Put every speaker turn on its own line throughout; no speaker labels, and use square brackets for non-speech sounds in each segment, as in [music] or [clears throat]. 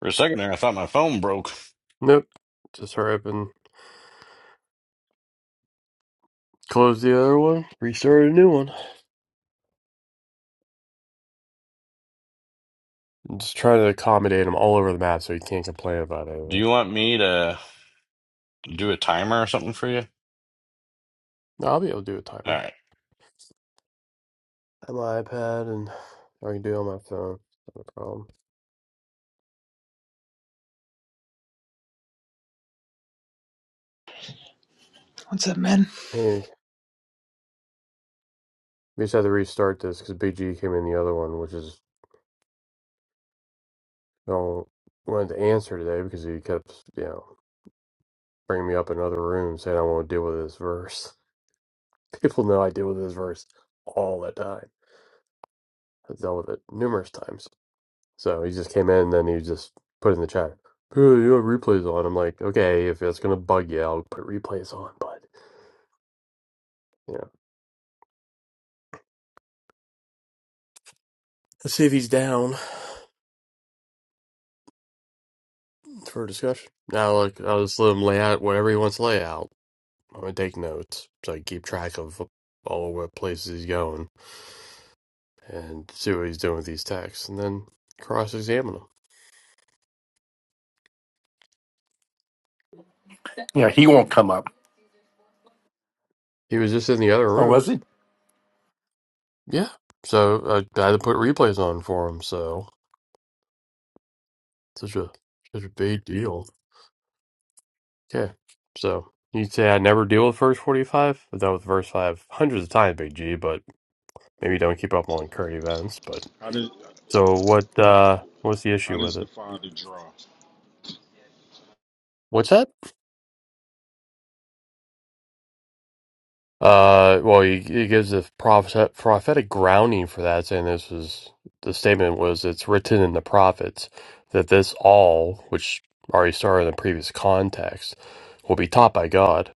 For a second there, I thought my phone broke.
Nope. Just hurry up and close the other one, restart a new one. I'm just trying to accommodate them all over the map so you can't complain about
Do
anything.
you want me to do a timer or something for you?
No, I'll be able to do a
All
timer.
right.
On my iPad and I can do it on my phone. No problem.
What's up, man?
Hey, we just had to restart this because Big G came in the other one, which is I don't wanted to answer today because he kept, you know, bringing me up in other rooms saying I won't deal with this verse. [laughs] People know I deal with this verse all the time. I've dealt with it numerous times. So he just came in and then he just put in the chat, "Hey, you have replays on. I'm like, okay, if it's gonna bug you, I'll put replays on, but you know. Let's see if he's down for a discussion. Now look, I'll just let him lay out whatever he wants to lay out. I'm gonna take notes so I can keep track of all what places he's going and see what he's doing with these texts and then cross examine him.
Yeah, he won't come up.
He was just in the other
Oh,
room.
was he?
Yeah. So I I had to put replays on for him, so such a such a big deal. Yeah. So you'd say I never deal with verse 45? I've dealt with verse 5 hundreds of times, Big G, but maybe you don't keep up on current events. But
How does
so what, uh, what's the
how
issue with
does the
it?
Father draw?
What's that? Uh, well, he, he gives a prophet, prophetic grounding for that, saying this was the statement was it's written in the prophets that this all, which already started in the previous context, will be taught by God,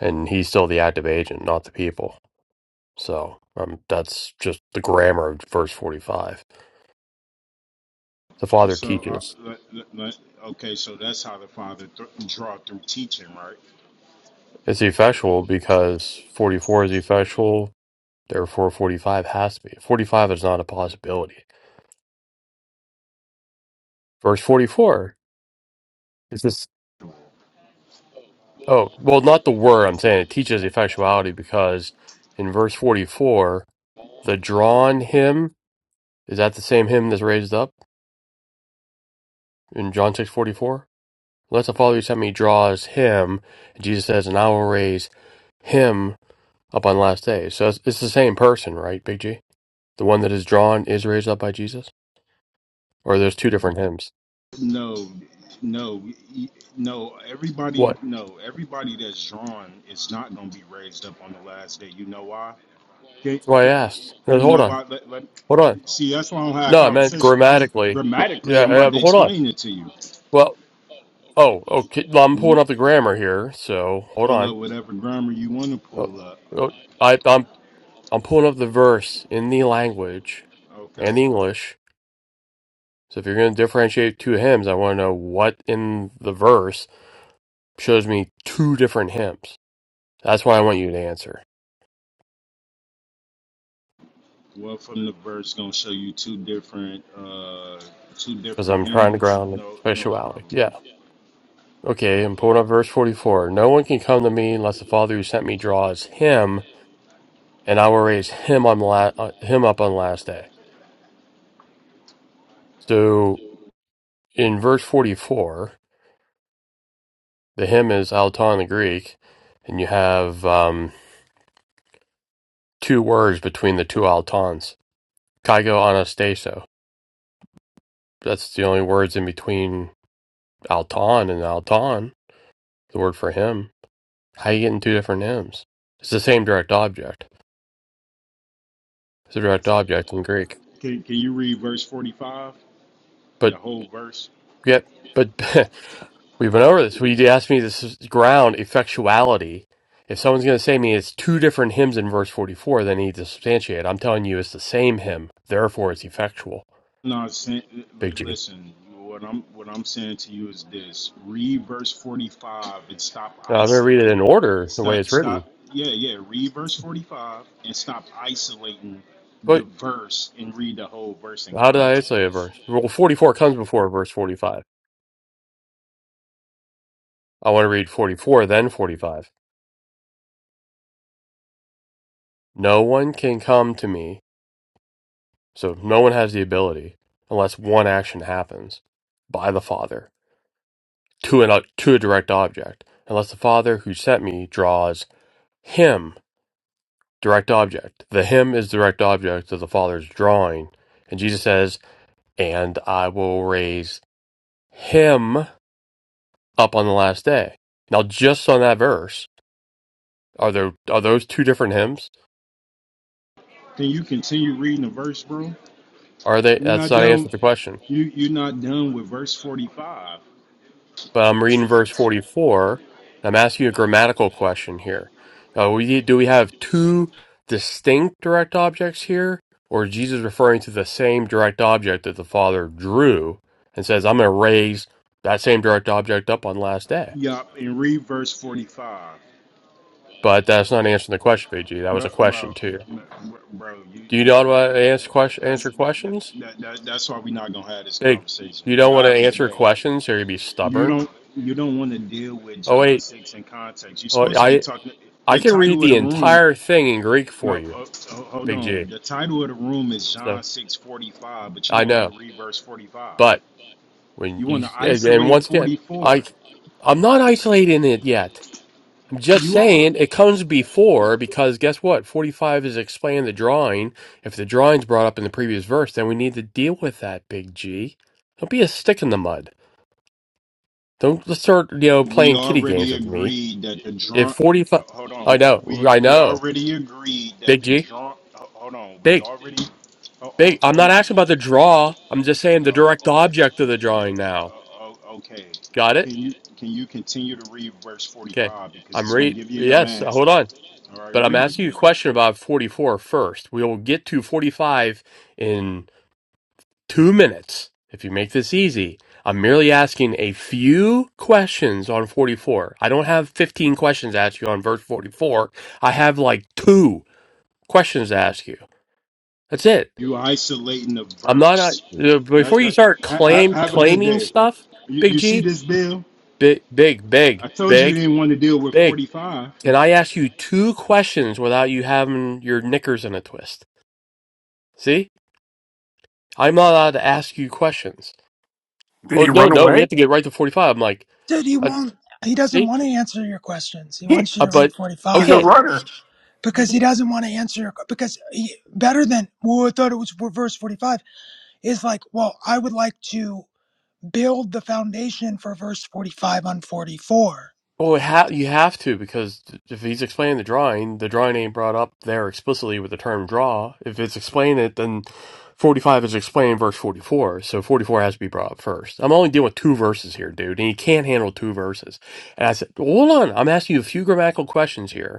and he's still the active agent, not the people. So um, that's just the grammar of verse 45. The Father
So, uh,
teaches.
let, let- let- okay, so that's how the Father th- draw through teaching, right?
It's effectual because 44 is effectual, therefore 45 has to be. 45 is not a possibility. Verse 44 is this. Oh, well, not the word I'm saying. It teaches effectuality because in verse 44, the drawn hymn, is that the same hymn that's raised up in John 6:44. Let the Father who sent me draws him. and Jesus says, and I will raise him up on last day, So it's, it's the same person, right, Big G? The one that is drawn is raised up by Jesus? Or there's two different hymns?
No, no, y- no. Everybody,
What?
no, everybody that's drawn is not going to be raised up on the last day. You know why? They-
That's why I asked. No,
You
Hold
know
on.
why? Let, let,
Hold on.
see, that's why I don't have a
No, I meant
conversation.
grammatically.
Grammatically,
Yeah,
I'm
yeah
about to
but hold on.
explain it to
Well, oh, okay. well, I'm pulling
you.
up the grammar here, so hold
Pull
on.
up whatever grammar you want to
Oh,
pull up.
oh, I, I'm, I'm pulling up the verse in the language
Okay.
and the English. So if you're going to differentiate two hymns, I want to know what in the verse shows me two different hymns. That's why I want you to answer.
Well, from the verse, gonna show you two different, uh, two
because
different
I'm trying to
hymns.
ground the
No, no
speciality.
problem.
Yeah. Okay, and pulling
Okay.
up verse 44. No one can come to me unless the Father who sent me draws him, and I will raise him on the la- uh, him up on the last day. So in verse 44, the him is alton in the Greek, and you have um, two words between the two altons, kaigo anastaso. That's the only words in between alton and alton, the word for him. How you getting two different hymns? It's the same direct object. It's a direct object in Greek.
Can Can you read verse forty five?
But
The whole verse.
yet, but [laughs] we went over this. We you asked me this is ground effectuality. If someone's going to say to me it's two different hymns in verse 44, they need to substantiate. it. I'm telling you it's the same hymn. Therefore, it's effectual.
No, sen- li-
Big G.
listen. What I'm what I'm saying to you is this: read verse 45 and stop
Now, I'm going to read it in
isolating.
order the way
Stop.
it's written.
Stop. Yeah, yeah. Read verse 45 and stop isolating the
But
verse and read the whole verse in
how did I isolate
context.
a verse? Well, 44 comes before verse 45. I want to read 44, then 45. No one can come to me. So no one has the ability unless one action happens by the Father to an uh, to a direct object unless the father who sent me draws him direct object the him is direct object of the father's drawing and jesus says and i will raise him up on the last day now just on that verse are there are those two different hymns
Can you continue reading the verse, bro?
are they
You're
that's
not
not
done.
answered the question
You you're not done with verse 45.
But I'm reading verse 44. I'm asking you a grammatical question here. Uh, we, do we have two distinct direct objects here, or is Jesus referring to the same direct object that the Father drew and says, I'm going to raise that same direct object up on the last day?
Yup, and read verse 45.
But that's not answering the question, BG. That was
Bro,
a
bro,
question, too.
bro, bro, you,
Do you not
bro,
want to answer,
that, that,
question,
that's
answer
that, that,
questions?
that, that, that's why we not gonna have this
Big.
conversation.
You don't want
Y'all
to
have a good
answer
day.
questions, or you'd be
You
stubborn.
don't, you don't want to deal with
Oh,
John
wait.
six in context. You're
Oh,
supposed to be
I,
talking.
I
The
can read
title of
the
the room.
entire thing in Greek for
No,
you,
uh, uh, hold
Big G.
on. The title of the room is
So
John six forty five, but you
I
don't want
know,
to read verse forty five.
but when
You
you
want to
and and
isolate
once again,
forty
I
four.
I'm not isolating it yet. I'm just
You are.
saying it comes before because guess what? 45 is explaining the drawing. If the drawing's brought up in the previous verse, then we need to deal with that, Big G. Don't be a stick in the mud. Don't let's start, you know,
We
playing kitty games
already
with me.
agreed that the
If
drunk. uh,
45,
Hold
I
on.
know,
We
I
we
know,
already agreed that
Big
the
G,
drunk. ho- Hold on. We
big,
already. Hold,
big.
hold,
I'm
hold
not
on.
asking about the draw. I'm just saying the direct
Uh, ho-
object of the drawing
uh,
now.
o- okay.
Got it?
Can you can you continue to read verse forty
Okay.
five because
I'm
it's gonna
re
give you your
yes,
answer.
hold on.
All right,
But I'm
read it
asking you a
then.
question about 44 first. We will get to 45 in two minutes if you make this easy. I'm merely asking a few questions on 44. I don't have 15 questions to ask you on verse 44. I have like two questions to ask you. That's it.
You isolating the
I'm not,
verse.
uh,
That,
before you
that,
start
ha, ha-
claim
have a good
claiming
day.
stuff,
You,
Big
you see
G,
this bill?
big, big, big,
I told you we
big,
didn't want to deal with
big.
forty five.
And I asked you two questions without you having your knickers in a twist. See? I'm not allowed to ask you questions.
Did
Oh,
he
no,
run
no, we
away?
have to get right to 45. I'm like,
Dude, he
uh,
won't. He doesn't
see?
want to answer your questions. He
[laughs]
wants
He's
you
Uh,
to read
but,
a
okay.
45
runner.
because he doesn't want to answer your because he, better than well, I thought it was for verse 45 is like, well, I would like to build the foundation for verse 45 on 44.
Well, ha- you have to because if he's explaining the drawing, the drawing ain't brought up there explicitly with the term draw. If it's explained it, then 45 is explained verse 44. So 44 has to be brought up first. I'm only dealing with two verses here, dude, and you can't handle two verses. And I said, "Well, hold on, I'm asking you a few grammatical questions here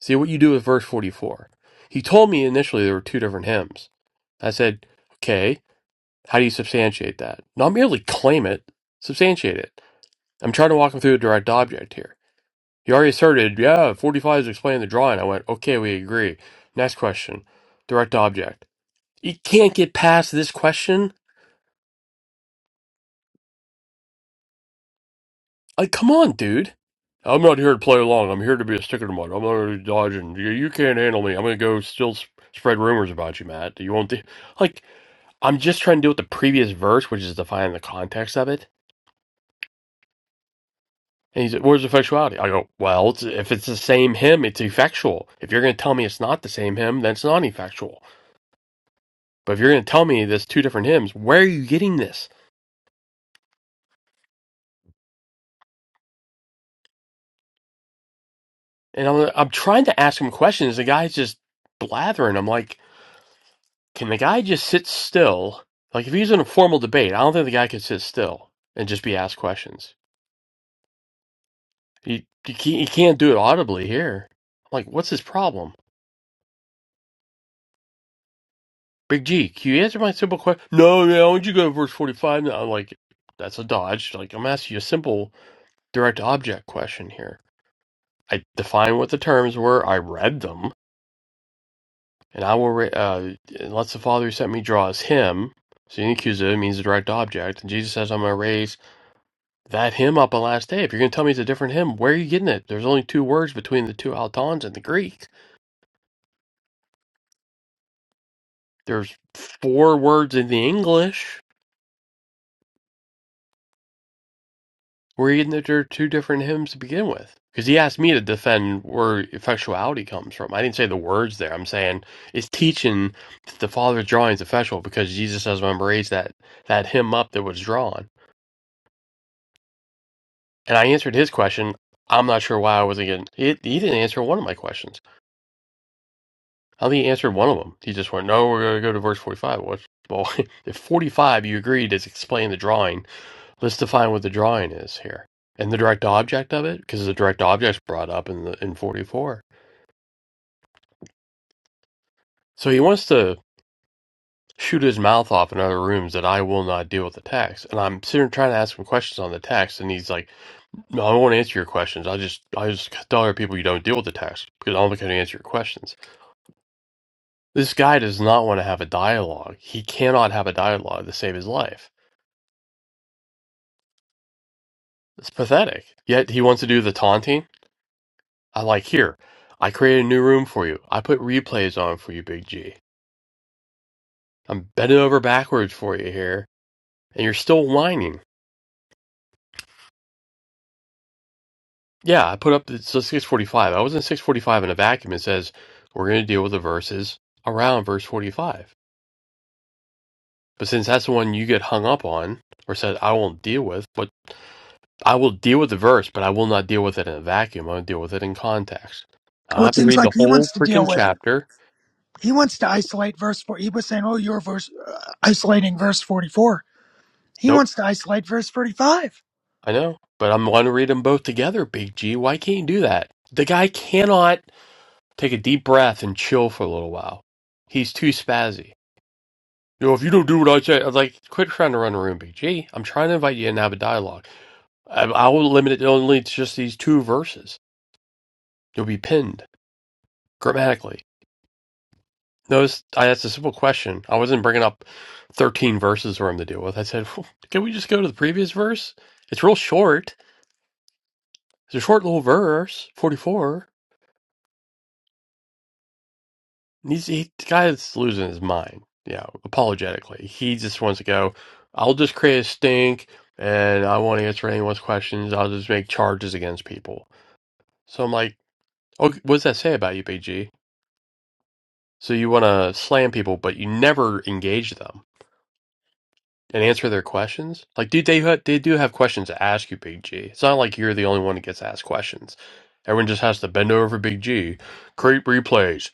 See what you do with verse 44. He told me initially there were two different hymns. I said, okay, how do you substantiate that? Not merely claim it, substantiate it. I'm trying to walk him through a direct object here. He already asserted, yeah, 45 is explaining the drawing. I went, okay, we agree. Next question, direct object. You can't get past this question? Like, come on, dude. I'm not here to play along. I'm here to be a stick in the mud. I'm not here to dodge and you, you can't handle me. I'm going to go still sp- spread rumors about you, Matt. You won't. do-" like, I'm just trying to deal with the previous verse, which is defining the context of it. And he's like, where's effectuality? I go, well, it's, if it's the same hymn, it's effectual. If you're going to tell me it's not the same hymn, then it's not effectual. But if you're going to tell me there's two different hymns, where are you getting this? And I'm, I'm trying to ask him questions. The guy's just blathering. I'm like, can the guy just sit still? Like, if he's in a formal debate, I don't think the guy could sit still and just be asked questions. He, he, can't, do it audibly here. I'm like, what's his problem? Big G, can you answer my simple question? No, man, why don't you go to verse 45? And I'm like, that's a dodge. Like, I'm asking you a simple direct object question here. I defined what the terms were, I read them, and I will, re- uh, unless the Father who sent me draws him, so the accusative means a direct object, and Jesus says, I'm going to raise that him up on the last day. If you're going to tell me it's a different him, where are you getting it? There's only two words between the two Altons in the Greek. There's four words in the English. We're in that there are two different hymns to begin with. Because he asked me to defend where effectuality comes from. I didn't say the words there. I'm saying it's teaching that the Father's drawing is effectual because Jesus says, remember, raise that, that hymn up that was drawn. And I answered his question. I'm not sure why I wasn't getting He, he didn't answer one of my questions. I don't think he answered one of them. He just went, no, we're going to go to verse 45. What? Well, [laughs] if 45 you agreed is explain the drawing, Let's define what the drawing is here and the direct object of it, because the direct object's brought up in the in 44. So he wants to shoot his mouth off in other rooms that I will not deal with the text. And I'm sitting trying to ask him questions on the text, and he's like, "No, I won't answer your questions. I just I just tell other people you don't deal with the text because I'm not going to answer your questions." This guy does not want to have a dialogue. He cannot have a dialogue to save his life. It's pathetic. Yet he wants to do the taunting I like here. I created a new room for you. I put replays on for you, Big G. I'm bending over backwards for you here, and you're still whining. Yeah, I put up the so 645. I was in 645 in a vacuum. It says we're going to deal with the verses around verse 45. But since that's the one you get hung up on, or said I won't deal with, but I will deal with the verse, but I will not deal with it in a vacuum. I'll deal with it in context. I
Well,
have
it
to
seems
read the
like he
whole
wants to
freaking
deal with.
chapter.
He wants to isolate verse 4. He was saying, "Oh, you're verse uh, isolating verse 44." He
Nope.
wants to isolate verse 45.
I know, but I'm want to read them both together, Big G. Why can't you do that? The guy cannot take a deep breath and chill for a little while. He's too spazzy. You know, if you don't do what I say, I'm like, quit trying to run a room, Big G. I'm trying to invite you in and have a dialogue. I, I will limit it only to just these two verses. You'll be pinned grammatically. Notice I asked a simple question. I wasn't bringing up 13 verses for him to deal with. I said, "Phew, can we just go to the previous verse? It's real short. It's a short little verse, 44. He's he, the guy that's losing his mind. Yeah, apologetically, he just wants to go. I'll just create a stink, and I won't answer anyone's questions. I'll just make charges against people. So I'm like, oh, what does that say about you, BG? So you want to slam people, but you never engage them. and answer their questions. Like, dude, they ha- they do have questions to ask you, Big G. It's not like you're the only one that gets asked questions. Everyone just has to bend over for Big G, create replays.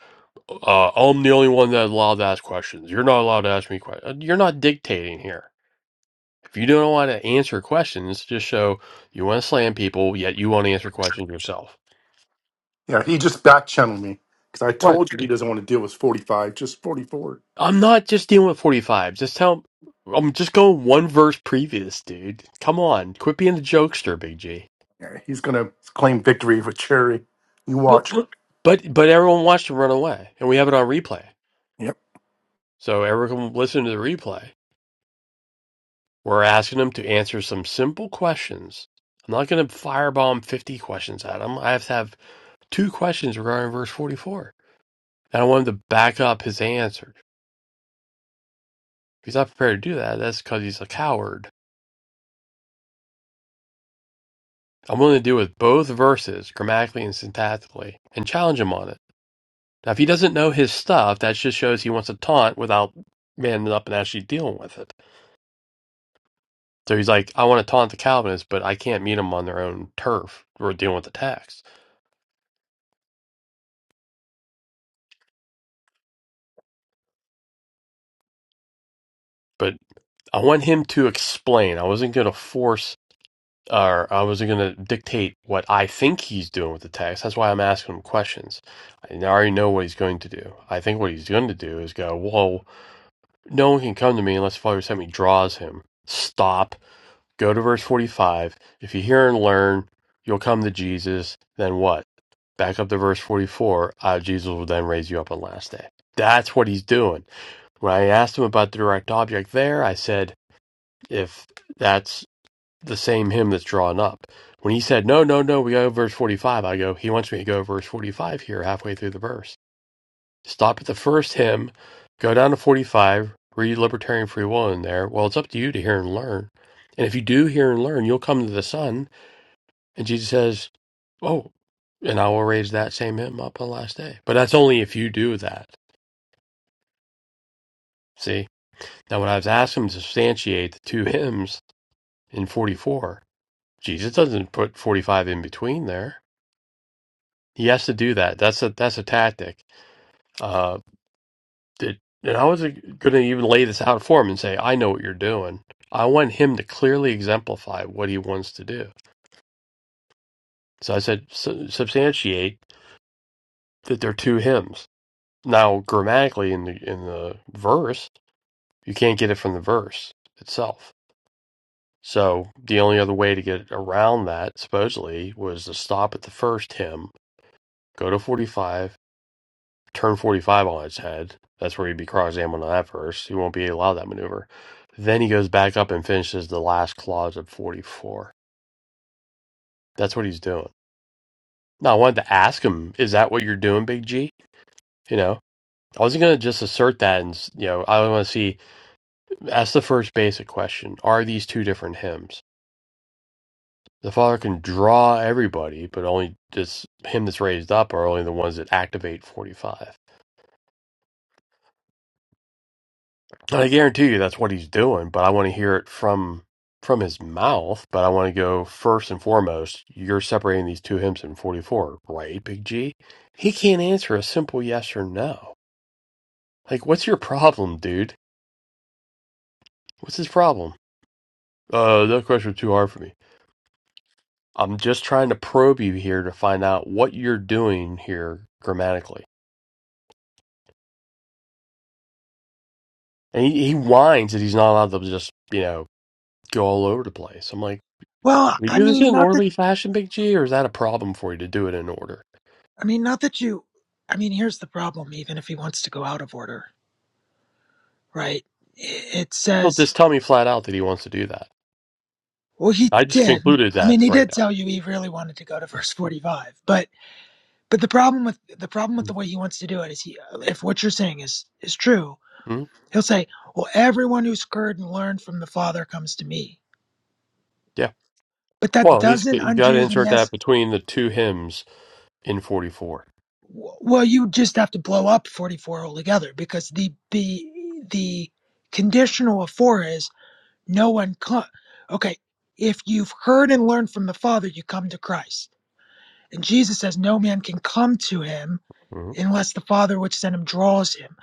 Uh, I'm the only one that's allowed to ask questions. You're not allowed to ask me questions. You're not dictating here. If you don't want to answer questions, just show you want to slam people, yet you want to answer questions yourself.
Yeah, he just back channeled me because I
What?
told you he doesn't want to deal with 45, just 44.
I'm not just dealing with 45s. Just tell. I'm just going one verse previous, dude. Come on, quit being the jokester, Big G.
Yeah, he's going to claim victory with Cherry. You watch.
But but everyone watched him run away, and we have it on replay.
Yep.
So everyone can listen to the replay. We're asking them to answer some simple questions. I'm not going to firebomb 50 questions at him. I have to have two questions regarding verse 44. And I want him to back up his answer. If he's not prepared to do that, that's because he's a coward. I'm willing to deal with both verses, grammatically and syntactically, and challenge him on it. Now, if he doesn't know his stuff, that just shows he wants to taunt without manning up and actually dealing with it. So he's like, I want to taunt the Calvinists, but I can't meet them on their own turf. We're dealing with the text, But I want him to explain. I wasn't going to force or I wasn't going to dictate what I think he's doing with the text. That's why I'm asking him questions. I already know what he's going to do. I think what he's going to do is go, Well, no one can come to me unless the Father sent me draws him. Stop. Go to verse 45. If you hear and learn, you'll come to Jesus. Then what? Back up to verse 44, uh, Jesus will then raise you up on the last day. That's what he's doing. When I asked him about the direct object there, I said, if that's the same him that's drawn up. When he said, no, no, no, we go to verse 45, I go, he wants me to go to verse 45 here, halfway through the verse. Stop at the first hymn, go down to 45, read libertarian free will in there. Well, it's up to you to hear and learn. And if you do hear and learn, you'll come to the Son and Jesus says, Oh, and I will raise that same him up on the last day. But that's only if you do that. See? Now, when I was asked him to substantiate the two hymns in 44, Jesus doesn't put 45 in between there. He has to do that. That's a that's a tactic. Uh, that and I was going to even lay this out for him and say, I know what you're doing. I want him to clearly exemplify what he wants to do. So I said, "Su- substantiate that they're two hymns. Now, grammatically in the in the verse, You can't get it from the verse itself. So the only other way to get around that, supposedly, was to stop at the first hymn, go to 45, turn 45 on its head. That's where he'd be cross-examined on that verse. He won't be allowed that maneuver. Then he goes back up and finishes the last clause of 44. That's what he's doing. Now, I wanted to ask him, is that what you're doing, Big G? You know, I wasn't going to just assert that and, you know, I want to see, ask the first basic question. Are these two different hymns? The Father can draw everybody, but only this him that's raised up are only the ones that activate forty five. And I guarantee you that's what he's doing, but I want to hear it from from his mouth, but I want to go first and foremost, you're separating these two hymns in forty four, right, Big G? He can't answer a simple yes or no. Like, what's your problem, dude? What's his problem? Uh, that question was too hard for me. I'm just trying to probe you here to find out what you're doing here grammatically And he, he whines that he's not allowed to just, you know, go all over the place. I'm like,
Well,
we
I
do this in
mean,
an
not that
orderly fashion, Big G, or is that a problem for you to do it in order?
I mean, not that you. I mean, here's the problem. Even if he wants to go out of order, right? I- It
Don't
says,
just tell me flat out that he wants to do that.
well, he
I just
did.
concluded
I
that
mean, he
right
did tell you he really wanted to go to verse 45. But but the problem with the problem with
now.
the way he wants to do it is he, if what you're saying is is true,
hmm
he'll say, well, everyone who's heard and learned from the Father comes to me.
Yeah.
But that
Well, he's
doesn't
you got to
undo the
insert that
nest.
between the two hymns in 44.
Well, you just have to blow up 44 altogether because the the the conditional of four is No one. Cl- okay, if you've heard and learned from the Father, you come to Christ. And Jesus says, No man can come to him
hmm
unless the Father which sent him draws him.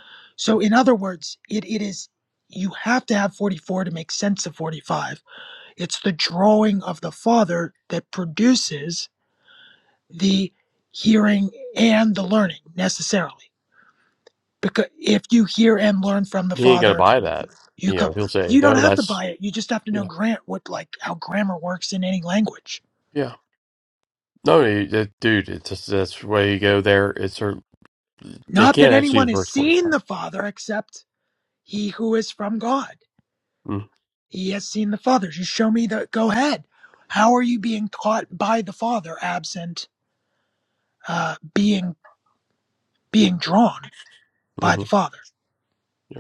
Yeah.
So, in other words, it, it is you have to have 44 to make sense of 45. It's the drawing of the Father that produces the hearing and the learning necessarily. Because if you hear and learn from the
He ain't gonna
Father,
buy that.
You
You
come.
know, he'll say,
You don't
no,
have to buy
that's
it. You just have to know
yeah,
Grant what like how grammar works in any language.
yeah. No, he- that, dude, it's just, that's where you go there. It's or they
Not that
can't actually
anyone
use
has
verse
seen
45.
the Father except he who is from God.
Mm-hmm.
He has seen the Father. Just show me the. Go ahead. How are you being taught by the Father absent uh, being being drawn by
Mm-hmm.
the Father?
Yep.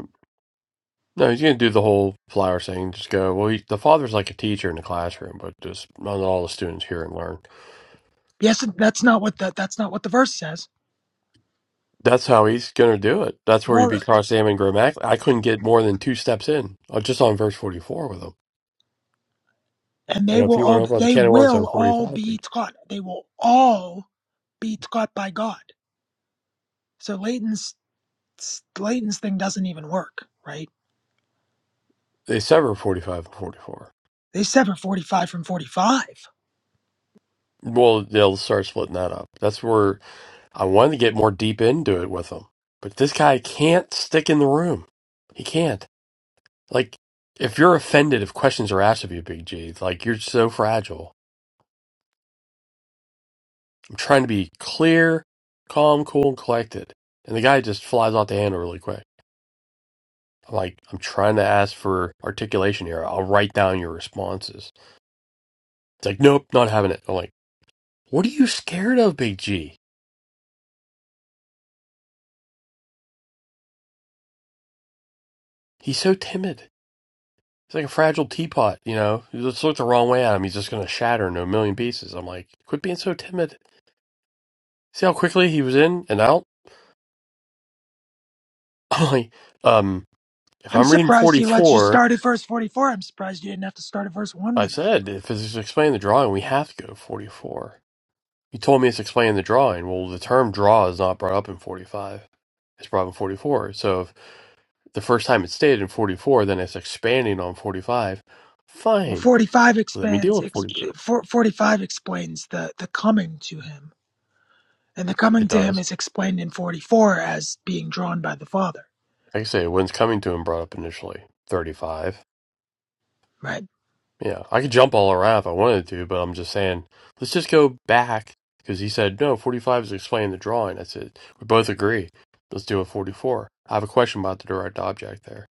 No, he's going to do the whole flower thing. Just go, well, he, the father's like a teacher in the classroom, but just not all the students hear and learn.
Yes, that's not what the, that's not what the verse says.
That's how he's going to do it. That's where he'd be
Moreover,
cross-examining grammatically. I couldn't get more than two steps in, uh, just on verse 44 with him.
And
I
they
go, if
will
you want
all
to open up the
they
can of worms
will
on
all
45, they
be taught. They will all be taught by God. So Leighton's s- Leighton's thing doesn't even work, right?
they sever 45 and 44.
They severed 45 from 45.
Well, they'll start splitting that up. That's where I wanted to get more deep into it with him. But this guy can't stick in the room. He can't. Like, if you're offended if questions are asked of you, Big G, like you're so fragile. I'm trying to be clear, calm, cool, and collected. And the guy just flies off the handle really quick. I'm like, I'm trying to ask for articulation here. I'll write down your responses. It's like, nope, not having it. I'm like, what are you scared of, Big G? He's so timid. He's like a fragile teapot, you know? You just look the wrong way at him. He's just going to shatter into a million pieces. I'm like, quit being so timid. See how quickly he was in and out? [laughs] I'm like, um, If
I'm
I'm reading
surprised he lets you
44,
start at verse 44. I'm surprised you didn't have to start at verse 1
I
tonight.
said, if it's explaining the drawing, we have to go to 44. You told me it's explaining the drawing. Well, the term draw is not brought up in 45. It's brought up in 44. So if the first time it's stated in 44, then it's expanding on 45.
Well,
Fine.
45
Let me deal
expands,
with
ex,
44.
45 explains the, the coming to him. And the
It
coming to him
does.
is explained in 44 as being drawn by the Father,
Like I say, when's coming to him brought up initially? 35.
right?
Yeah, I could jump all around if I wanted to, but I'm just saying, let's just go back because he said no. 45 is explaining the drawing. I said we both agree. Let's do a 44. I have a question about the direct object there,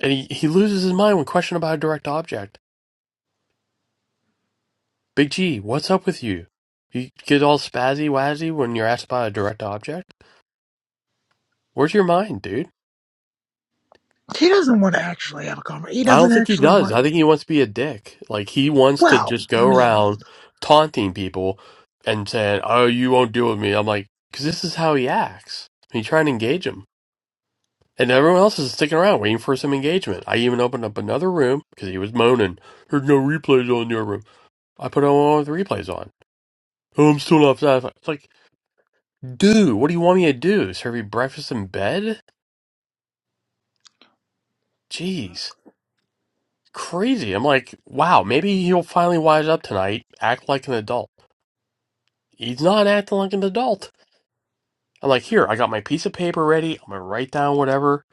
and he he loses his mind when questioned about a direct object. Big G, what's up with you? You get all spazzy wazzy when you're asked about a direct object. Where's your mind, dude?
He doesn't want to actually have a conversation. He
I
doesn't
don't think he
actually
does. I
want,
think he wants to be a dick. Like he wants to
well,
just
I
go
mean,
around taunting people and saying, "Oh, you won't deal with me." I'm like, because this is how he acts. He trying to engage him, and everyone else is sticking around waiting for some engagement. I even opened up another room because he was moaning. There's no replays on your room. I put all the replays on. Oh, I'm still not satisfied. It's like, dude, what do you want me to do? Serve you breakfast in bed? Jeez, crazy. I'm like, wow, maybe he'll finally wise up tonight, act like an adult. he's not acting like an adult. I'm like, here, I got my piece of paper ready. I'm gonna write down whatever.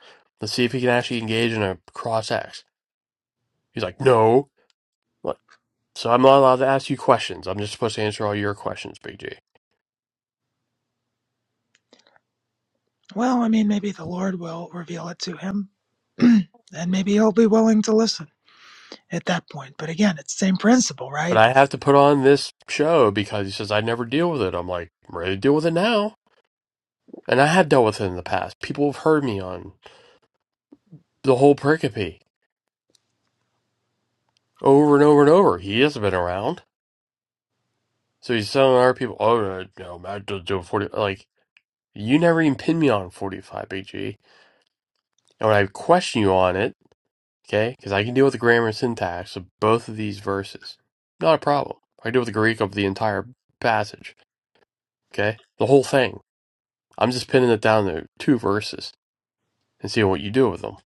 Let's see if he can actually engage in a cross ax. He's like, no. I'm like, so I'm not allowed to ask you questions. I'm just supposed to answer all your questions, Big G.
well, I mean, maybe the Lord will reveal it to him. [clears throat] and maybe he'll be willing to listen. at that point. But again, it's the same principle,
But
right?
I have to put on this show because he says I never deal with it. I'm like, I'm ready to deal with it now. And I have dealt with it in the past. People have heard me on the whole pericope over and over and over. He hasn't been around. So he's telling other people, oh, no, no, Matt doesn't do it 40. Like, You never even pinned me on 45 BG. And when I question you on it, okay, because I can deal with the grammar and syntax of both of these verses. Not a problem. I can deal with the Greek of the entire passage, okay? The whole thing. I'm just pinning it down to two verses and seeing what you do with them.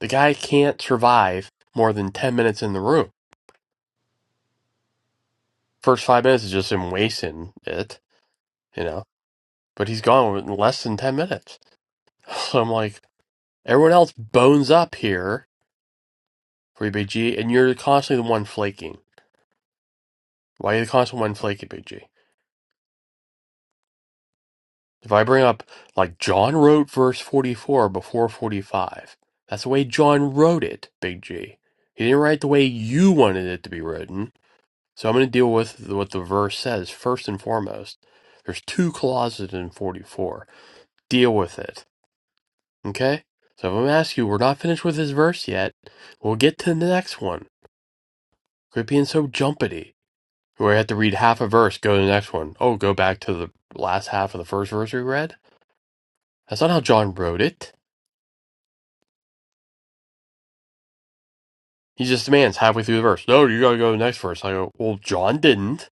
The guy can't survive more than 10 minutes in the room. First five minutes is just him wasting it, you know? But he's gone in less than 10 minutes. [laughs] So I'm like, everyone else bones up here for BG, and you're constantly the one flaking. Why is the constant one flaky, Big G? If I bring up like John wrote verse forty four before forty five, that's the way John wrote it, Big G. He didn't write the way you wanted it to be written. So I'm going to deal with what the verse says first and foremost. There's two clauses in forty four. Deal with it, okay? So if I'm asking you, we're not finished with this verse yet. We'll get to the next one. Quit being so jumpity. Where I have to read half a verse, go to the next one. Oh, go back to the last half of the first verse we read. That's not how John wrote it. He just demands halfway through the verse, no, you gotta go to the next verse. I go, well, John didn't.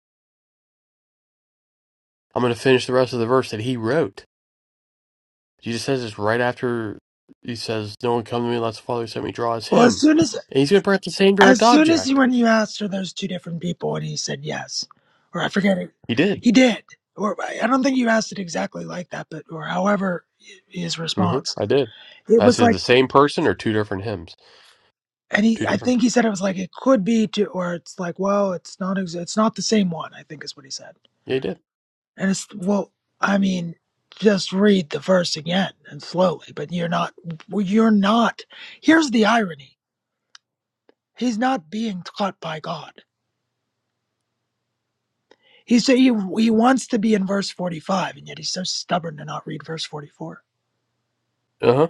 I'm gonna finish the rest of the verse that he wrote. Jesus says this right after he says, no one come to me unless the Father who sent me draws
Well, as
him.
soon as
And he's gonna bring up the same direct
as soon as
object.
when you asked are those two different people, and he said yes, or I forget it,
He did.
he did, or I I don't think you asked it exactly like that, but or however his
hmm
response,
I did.
it
I
was
said the
like,
same person or two different hymns,
and he,
two
I
different
think
people.
he said it was like it could be to, or it's like, well, it's not, ex- it's not the same one. I think is what he said,
Yeah, he did.
and it's well, I mean. Just read the verse again and slowly, but you're not, well, you're not. Here's the irony He's not being taught by God. He's, he, he wants to be in verse 45, and yet he's so stubborn to not read verse 44.
Uh huh.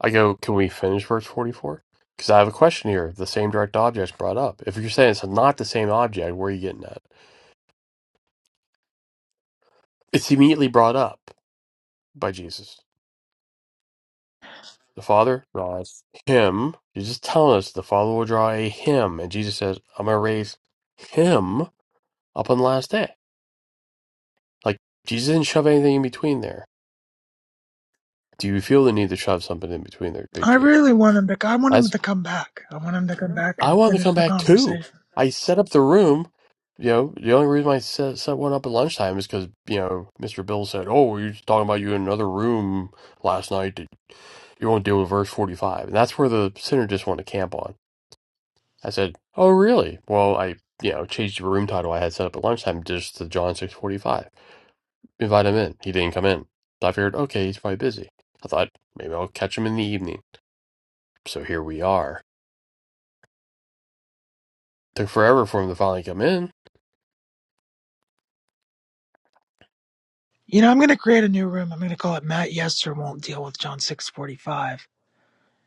I go, can we finish verse 44? Because I have a question here. The same direct object's brought up. If you're saying it's not the same object, where are you getting at? It's immediately brought up. by Jesus. The Father draws him. He's just telling us the Father will draw a him. And Jesus says, I'm going to raise him up on the last day. Like, Jesus didn't shove anything in between there. Do you feel the need to shove something in between there, Big
I
J?
really want him to, I want him
That's,
to come back. I want him to come back
I
and
wanted to come
finish the
back too.
conversation.
I set up the room. You know, the only reason I set, set one up at lunchtime is because, you know, Mr. Bill said, Oh, we were just talking about you in another room last night. Did- You won't deal with verse 45. And that's where the sinner just wanted to camp on. I said, "Oh, really?" Well, I, you know, changed the room title I had set up at lunchtime just to John six forty five. Invite him in. He didn't come in. So I figured, okay, he's probably busy. I thought maybe I'll catch him in the evening. So here we are. Took forever for him to finally come in.
You know, I'm going to create a new room. I'm going to call it Matt Yester Won't Deal with John 645,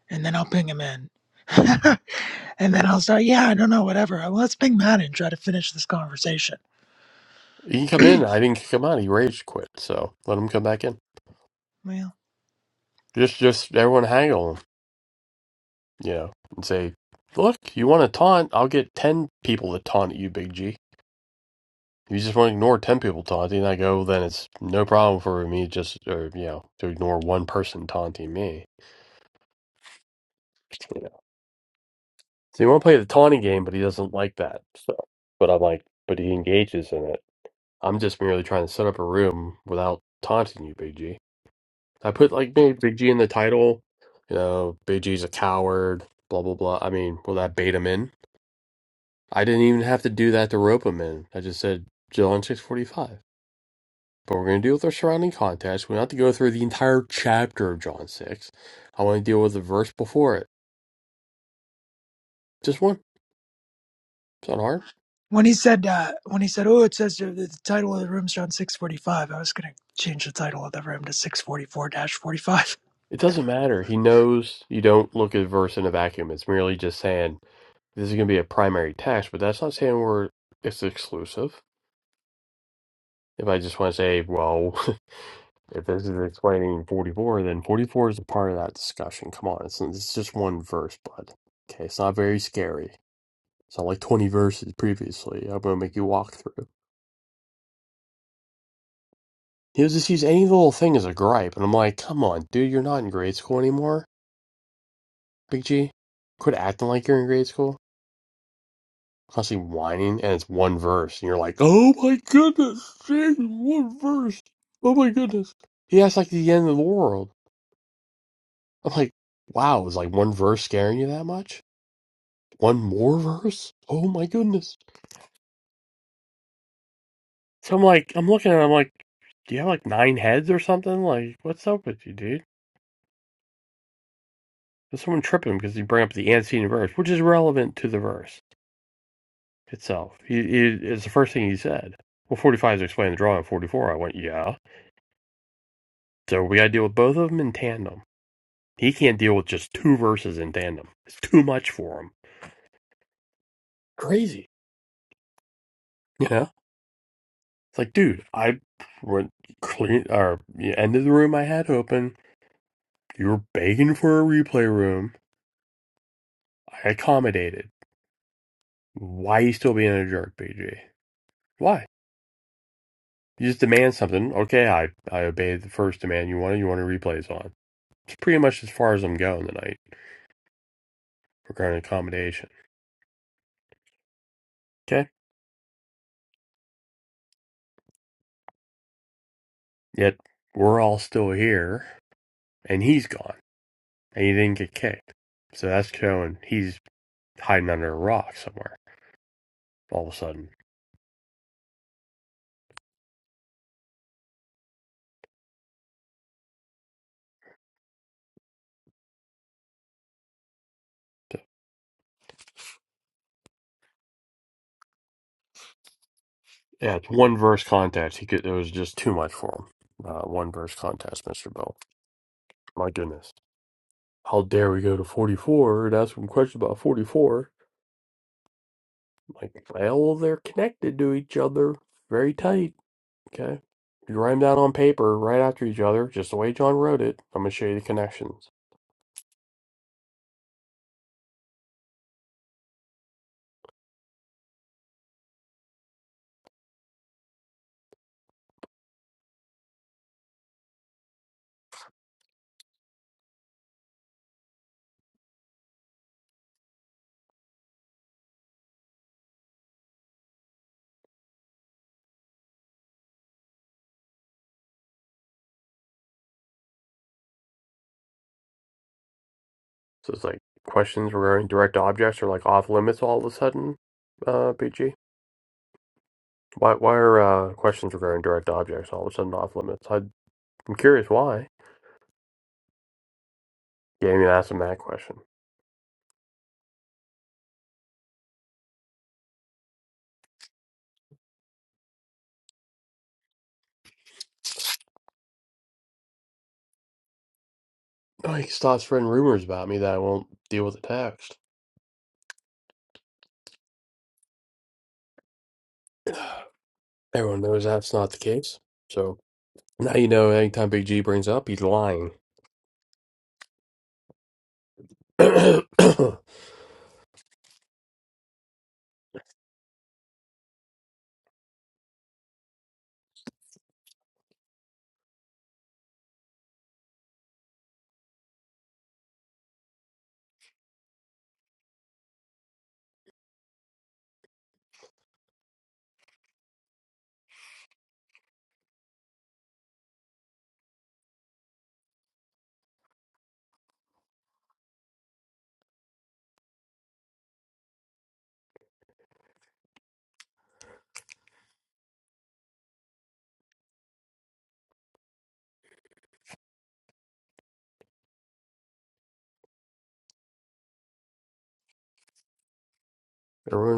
and then I'll ping him in. [laughs] and then I'll start. yeah, I don't know, whatever. Well, Let's ping Matt and try to finish this conversation.
He can come in. I didn't kick him out. He rage quit. So let him come back in.
Well.
Just, just everyone hang on, him, you know, and say, "Look, you want to taunt? I'll get ten people to taunt you, Big G." If you just want to ignore 10 people taunting, I go, then it's no problem for me just, or, you know, to ignore one person taunting me. You know. So he want to play the taunting game, but he doesn't like that. So, but I'm like, but he engages in it. I'm just merely trying to set up a room without taunting you, Big G. I put like maybe Big G in the title, you know, Big G's a coward, blah, blah, blah. I mean, will that bait him in? I didn't even have to do that to rope him in. I just said, Jill on 645. But we're going to deal with our surrounding context. We don't have to go through the entire chapter of John 6. I want to deal with the verse before it. Just one. It's not hard.
When he said uh, when he said, "Oh, it says the, the title of the room's around five.' I was gonna change the title of the room to 644-45.
It doesn't matter. He knows you don't look at a verse in a vacuum. It's merely just saying this is going to be a primary text, but that's not saying we're it's exclusive. If I just want to say, well, [laughs] if this is explaining 44, then 44 is a part of that discussion. Come on, it's, it's just one verse, bud. Okay, it's not very scary. It's not like 20 verses previously. I'm going to make you walk through. He'll just use any little thing as a gripe, and I'm like, come on, dude, you're not in grade school anymore. Big G, quit acting like you're in grade school. Constantly whining, and it's one verse, and you're like, oh my goodness, dang, one verse. Oh my goodness. He acts like the end of the world. I'm like, wow, is like one verse scaring you that much? One more verse? Oh my goodness. So I'm like, I'm looking at him, I'm like, do you have like nine heads or something? Like, what's up with you, dude? Does someone trip him because you bring up the antecedent verse, which is relevant to the verse? itself. He, he, it's the first thing he said. Well, 45 is explaining the drawing. 44, I went, yeah. So we got to deal with both of them in tandem. He can't deal with just two verses in tandem. It's too much for him. Crazy. You know? It's like, dude, I went clean, or yeah, ended the room I had open. You were begging for a replay room. I accommodated. Why are you still being a jerk, BG? Why? You just demand something. Okay, I, I obeyed the first demand you wanted. You want to replays on. It's pretty much as far as I'm going tonight. regarding accommodation. Okay. Yet we're all still here and he's gone and he didn't get kicked. So that's showing he's hiding under a rock somewhere all of a sudden. So, yeah, it's one verse contest. He could, it was just too much for him. Uh, one verse contest, Mr. Bill. My goodness. How dare we go to 44 and ask him questions about 44? Like, well, they're connected to each other very tight. Okay. You write them down on paper right after each other, just the way John wrote it. I'm going to show you the connections. So it's like questions regarding direct objects are like off limits all of a sudden, uh, BG. Why why are uh, questions regarding direct objects all of a sudden off limits? I, I'm curious why. Yeah, I mean, ask him that question. Oh, he starts spreading rumors about me that I won't deal with the text. Everyone knows that's not the case. So now you know anytime Big G brings up, he's lying. [clears throat] Everyone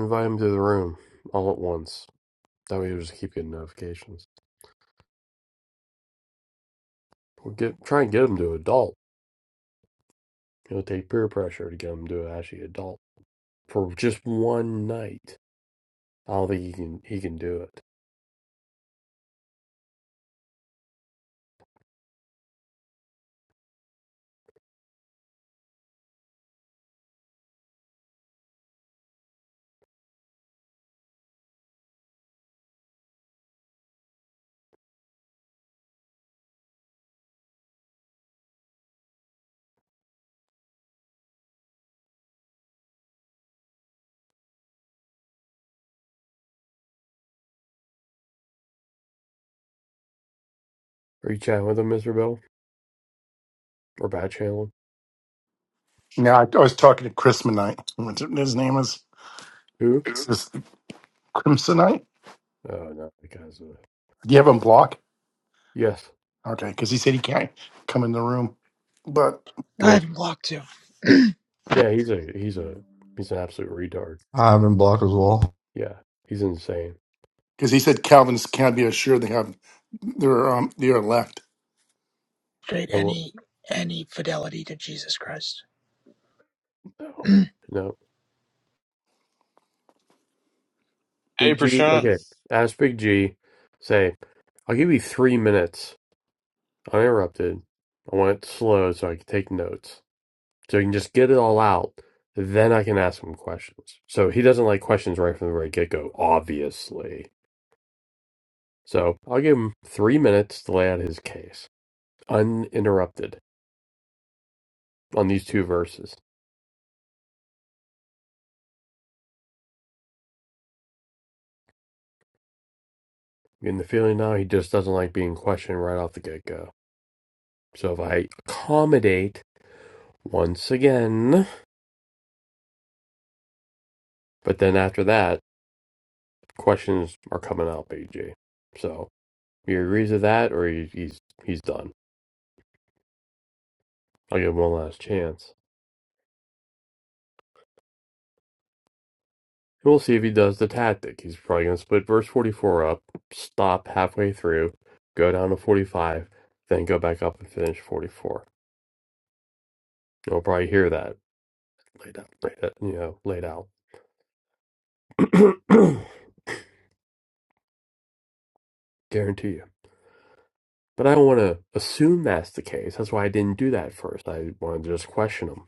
invite him to the room all at once. That way he'll just keep getting notifications. We'll get try and get him to adult. It'll take peer pressure to get him to actually adult. for just one night. I don't think he can he can do it. Are you chatting with him, Mr. Bell? Or bad channeling?
Now, I, I was talking to Crimsonite. What's it- His name is,
Who?
is this Crimsonite.
Oh no, the guy's a
Do you have him blocked?
yes,
Okay, because he said he can't come in the room. But
[laughs] I
good.
haven't blocked to
Yeah, he's a he's a he's an absolute retard.
I have been blocked as well.
Yeah, he's insane.
because he said Calvinists can't be assured they have, they're, um, they are left.
create
I won't.
any any fidelity to Jesus Christ.
No, no.
Hey,
Big G.
Prashant.
Okay, ask Big G. Say, I'll give you three minutes uninterrupted. I want it slow so I can take notes. So I can just get it all out. Then I can ask him questions. So he doesn't like questions right from the very get go, obviously. So I'll give him three minutes to lay out his case, uninterrupted, on these two verses. I'm getting the feeling now he just doesn't like being questioned right off the get go. So if I accommodate once again, but then after that, questions are coming out, BG. So he agrees to that or he, he's he's done. I'll give him one last chance. We'll see if he does the tactic. He's probably going to split verse 44 up, stop halfway through, go down to 45, then go back up and finish 44. You'll probably hear that laid out, laid out you know, laid out. [coughs] [clears throat] Guarantee you. But I don't want to assume that's the case. That's why I didn't do that first. I wanted to just question him.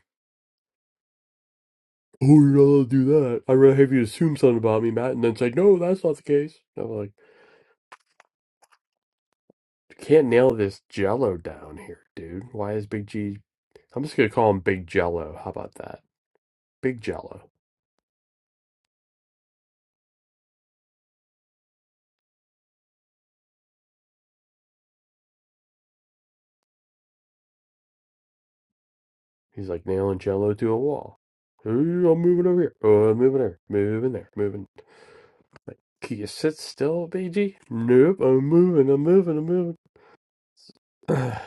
Oh, you're not allowed to do that. I'd rather have you assume something about me, Matt, and then say, no, that's not the case. I'm like, Can't nail this Jello down here, dude. Why is Big G? I'm just gonna call him Big Jello. How about that? Big Jello. He's like nailing Jello to a wall. Ooh, I'm moving over here. Oh, I'm moving there. Moving there. Moving. Like, can you sit still, Big G? Nope. I'm moving. I'm moving. I'm moving. [sighs]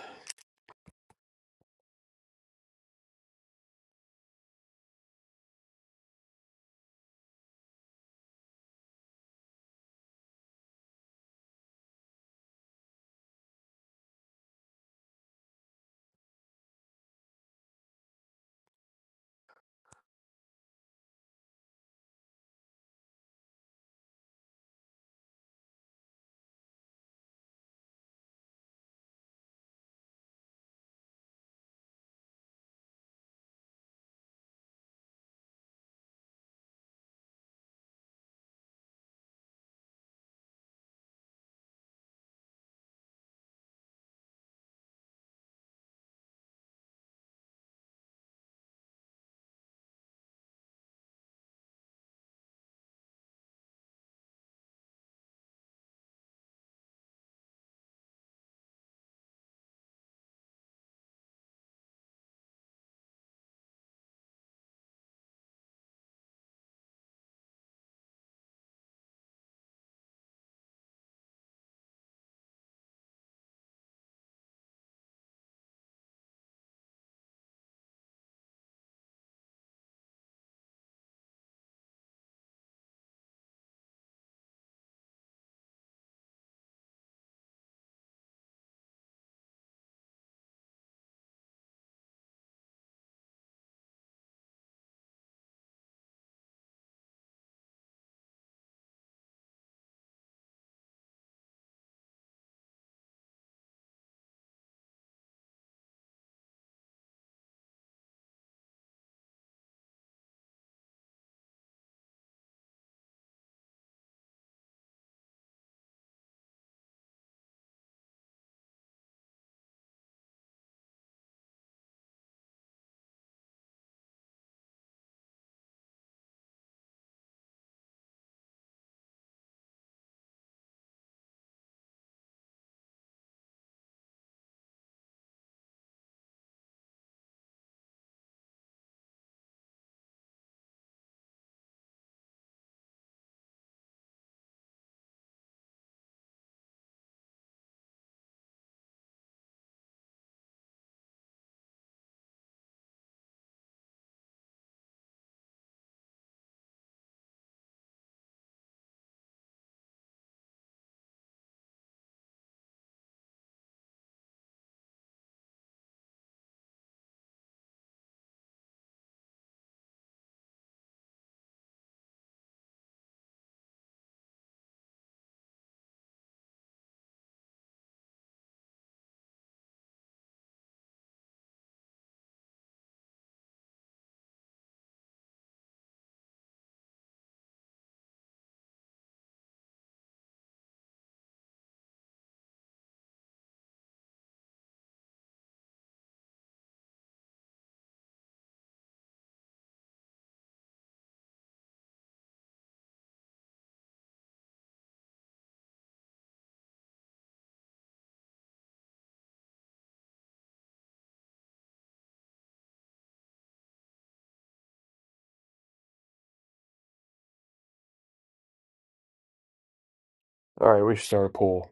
All right, we should start a pool.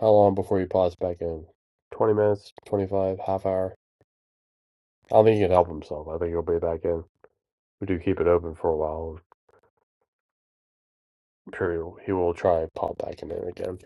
How long before you pause back in? 20 minutes, 25, half hour. I don't think he can help himself. I think he'll be back in. We do keep it open for a while. I'm sure he'll- he will try and pop back in there again.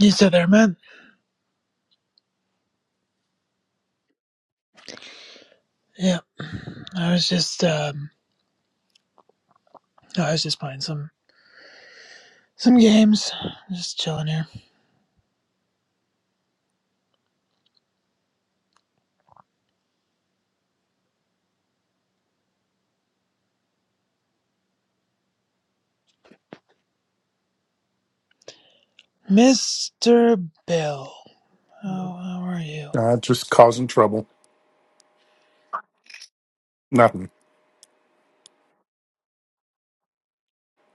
You still there, man. Yeah, I was just um, I was just playing some some games, just chilling here. Mister Bill, how how are you?
Uh, just causing trouble. Nothing.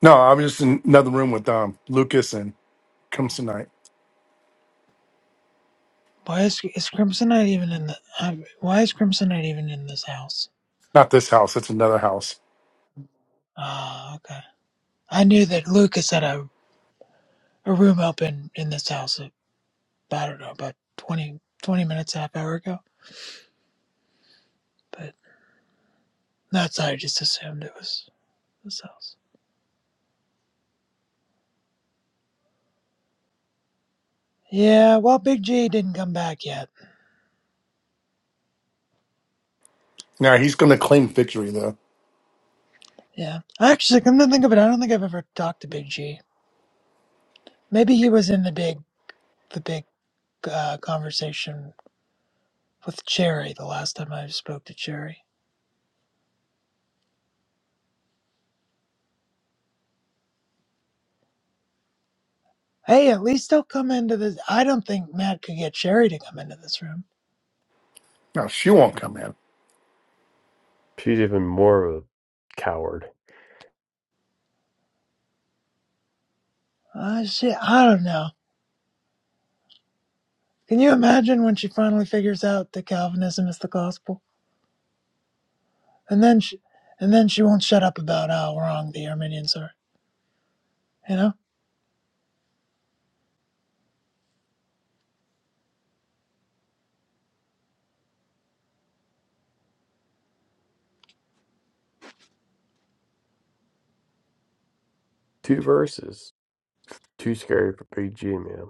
No, I'm just in another room with um Lucas and comes tonight.
Why is is Crimsonite even in the? Uh, why is Crimsonite even in this house?
Not this house, it's another house.
Ah, okay. I knew that Lucas had a a room open in this house uh, I don't know about 20, 20 minutes, half hour ago. But that's how I just assumed it was this house. Yeah, well, Big G didn't come back yet.
Now he's gonna claim victory though.
Yeah, actually, come to think of it, I don't think I've ever talked to Big G. Maybe he was in the big the big uh, conversation with Cherry the last time I spoke to Cherry. Hey, at least they'll come into this. I don't think Matt could get Cherry to come into this room.
No, she won't come in.
She's even more of a coward.
Uh, shit, I don't know. Can you imagine when she finally figures out that Calvinism is the gospel? and then she, and then she won't shut up about how wrong the Armenians are. You know.
Two verses. Too scary for Big G, man.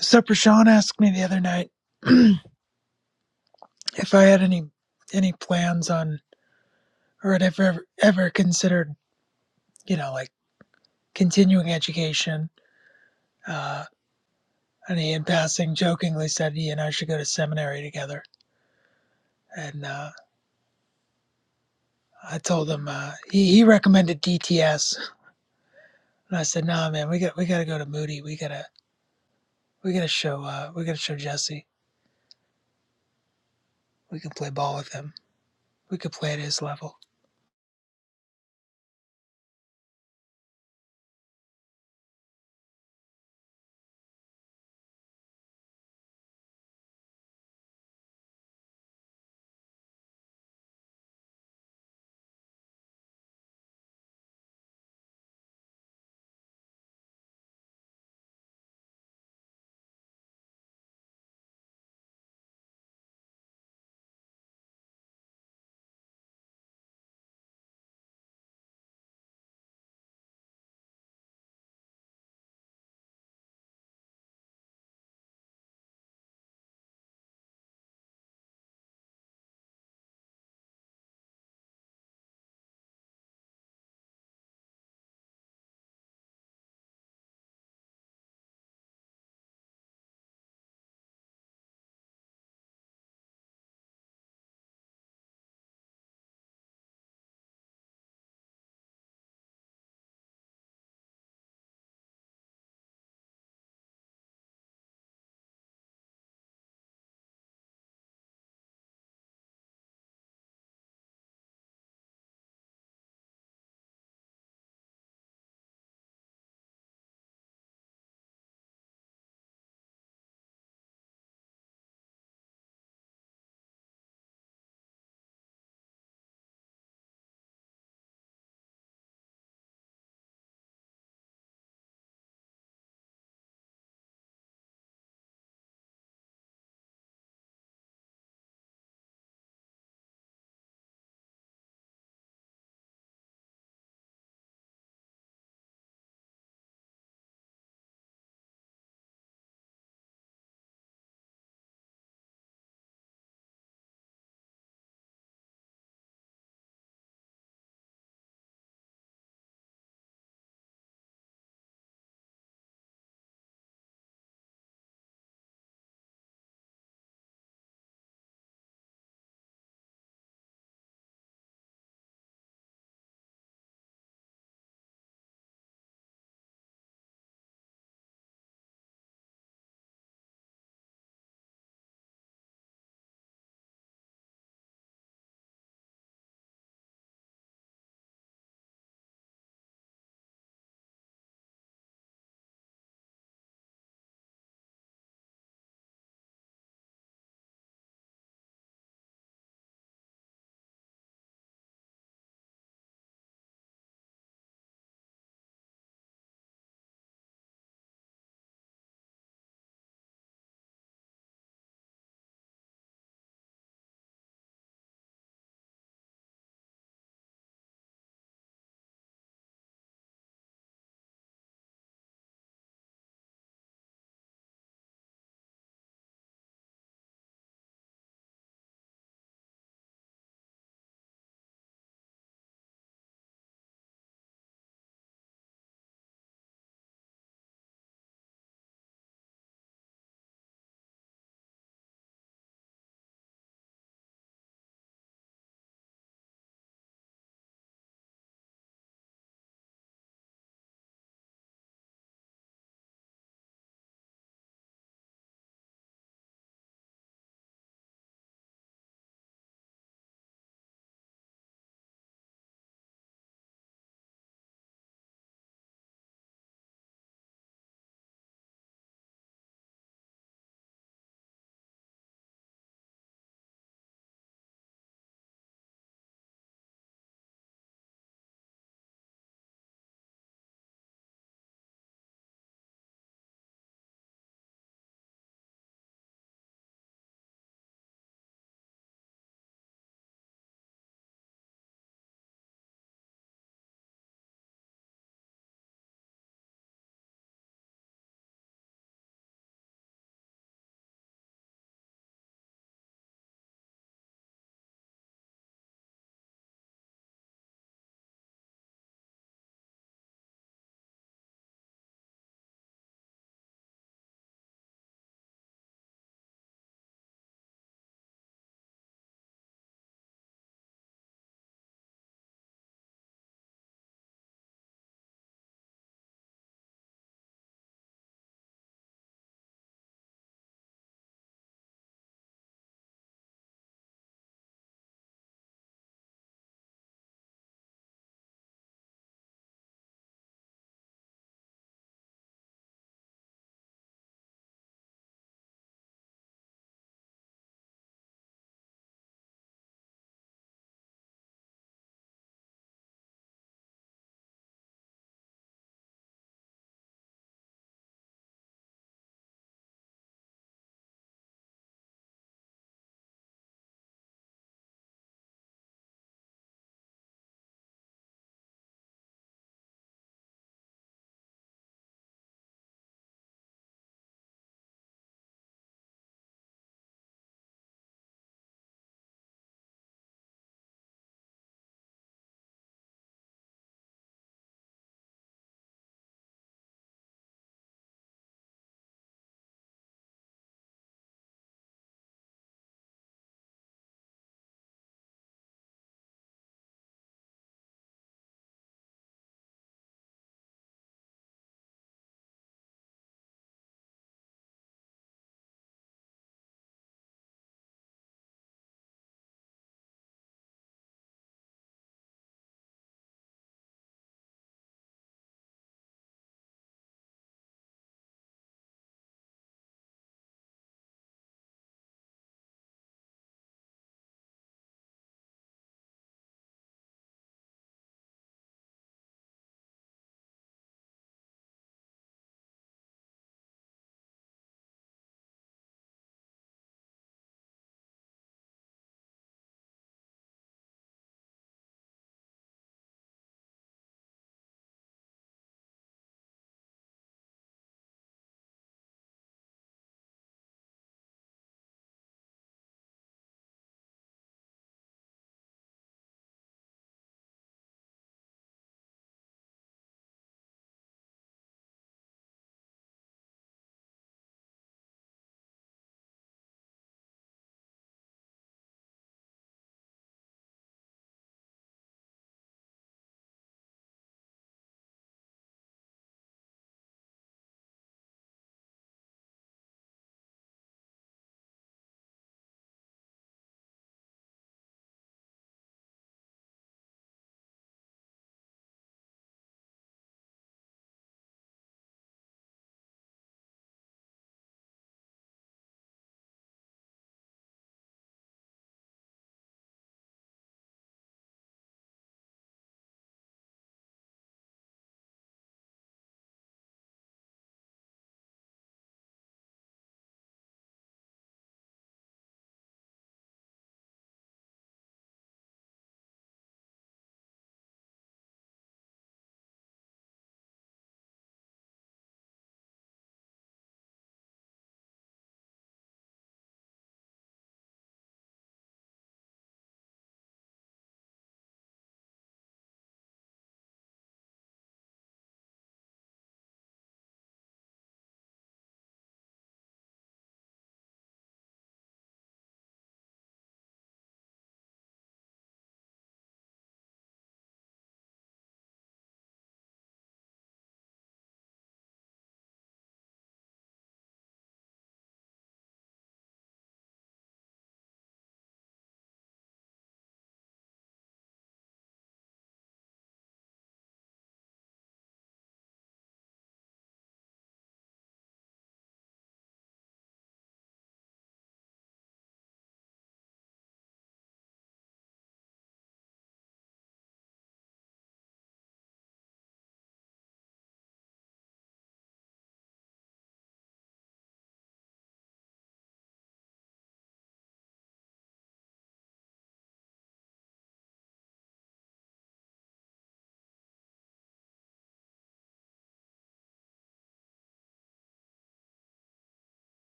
So, for asked me the other night [clears throat] if I had any any plans on or had ever ever considered you know like continuing education. Uh, and he, in passing, jokingly said he and I should go to seminary together. And uh, I told him uh, he, he recommended DTS, and I said, "Nah, man, we got we got to go to Moody. We gotta we gotta show uh, we gotta show Jesse. We can play ball with him. We could play at his level."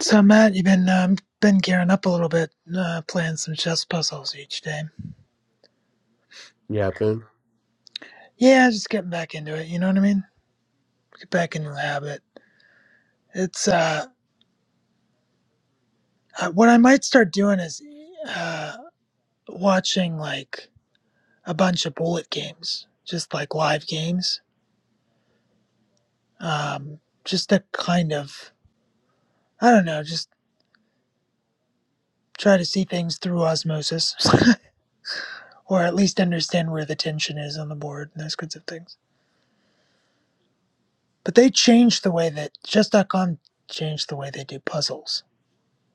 So Matt, you've been um, been gearing up a little bit, uh, playing some chess puzzles each day.
Yapping.
Yeah, just getting back into it. You know what I mean? Get back into the habit. It's uh, uh, what I might start doing is uh, watching like a bunch of bullet games, just like live games. Um, just to kind of, I don't know, just try to see things through osmosis, [laughs] or at least understand where the tension is on the board and those kinds of things. But they changed the way that chess.com changed the way they do puzzles.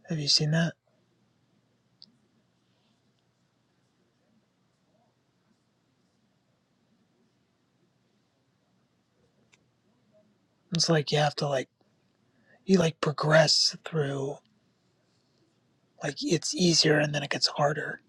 Have you seen that? It's like you have to like you like progress through like it's easier and then it gets harder.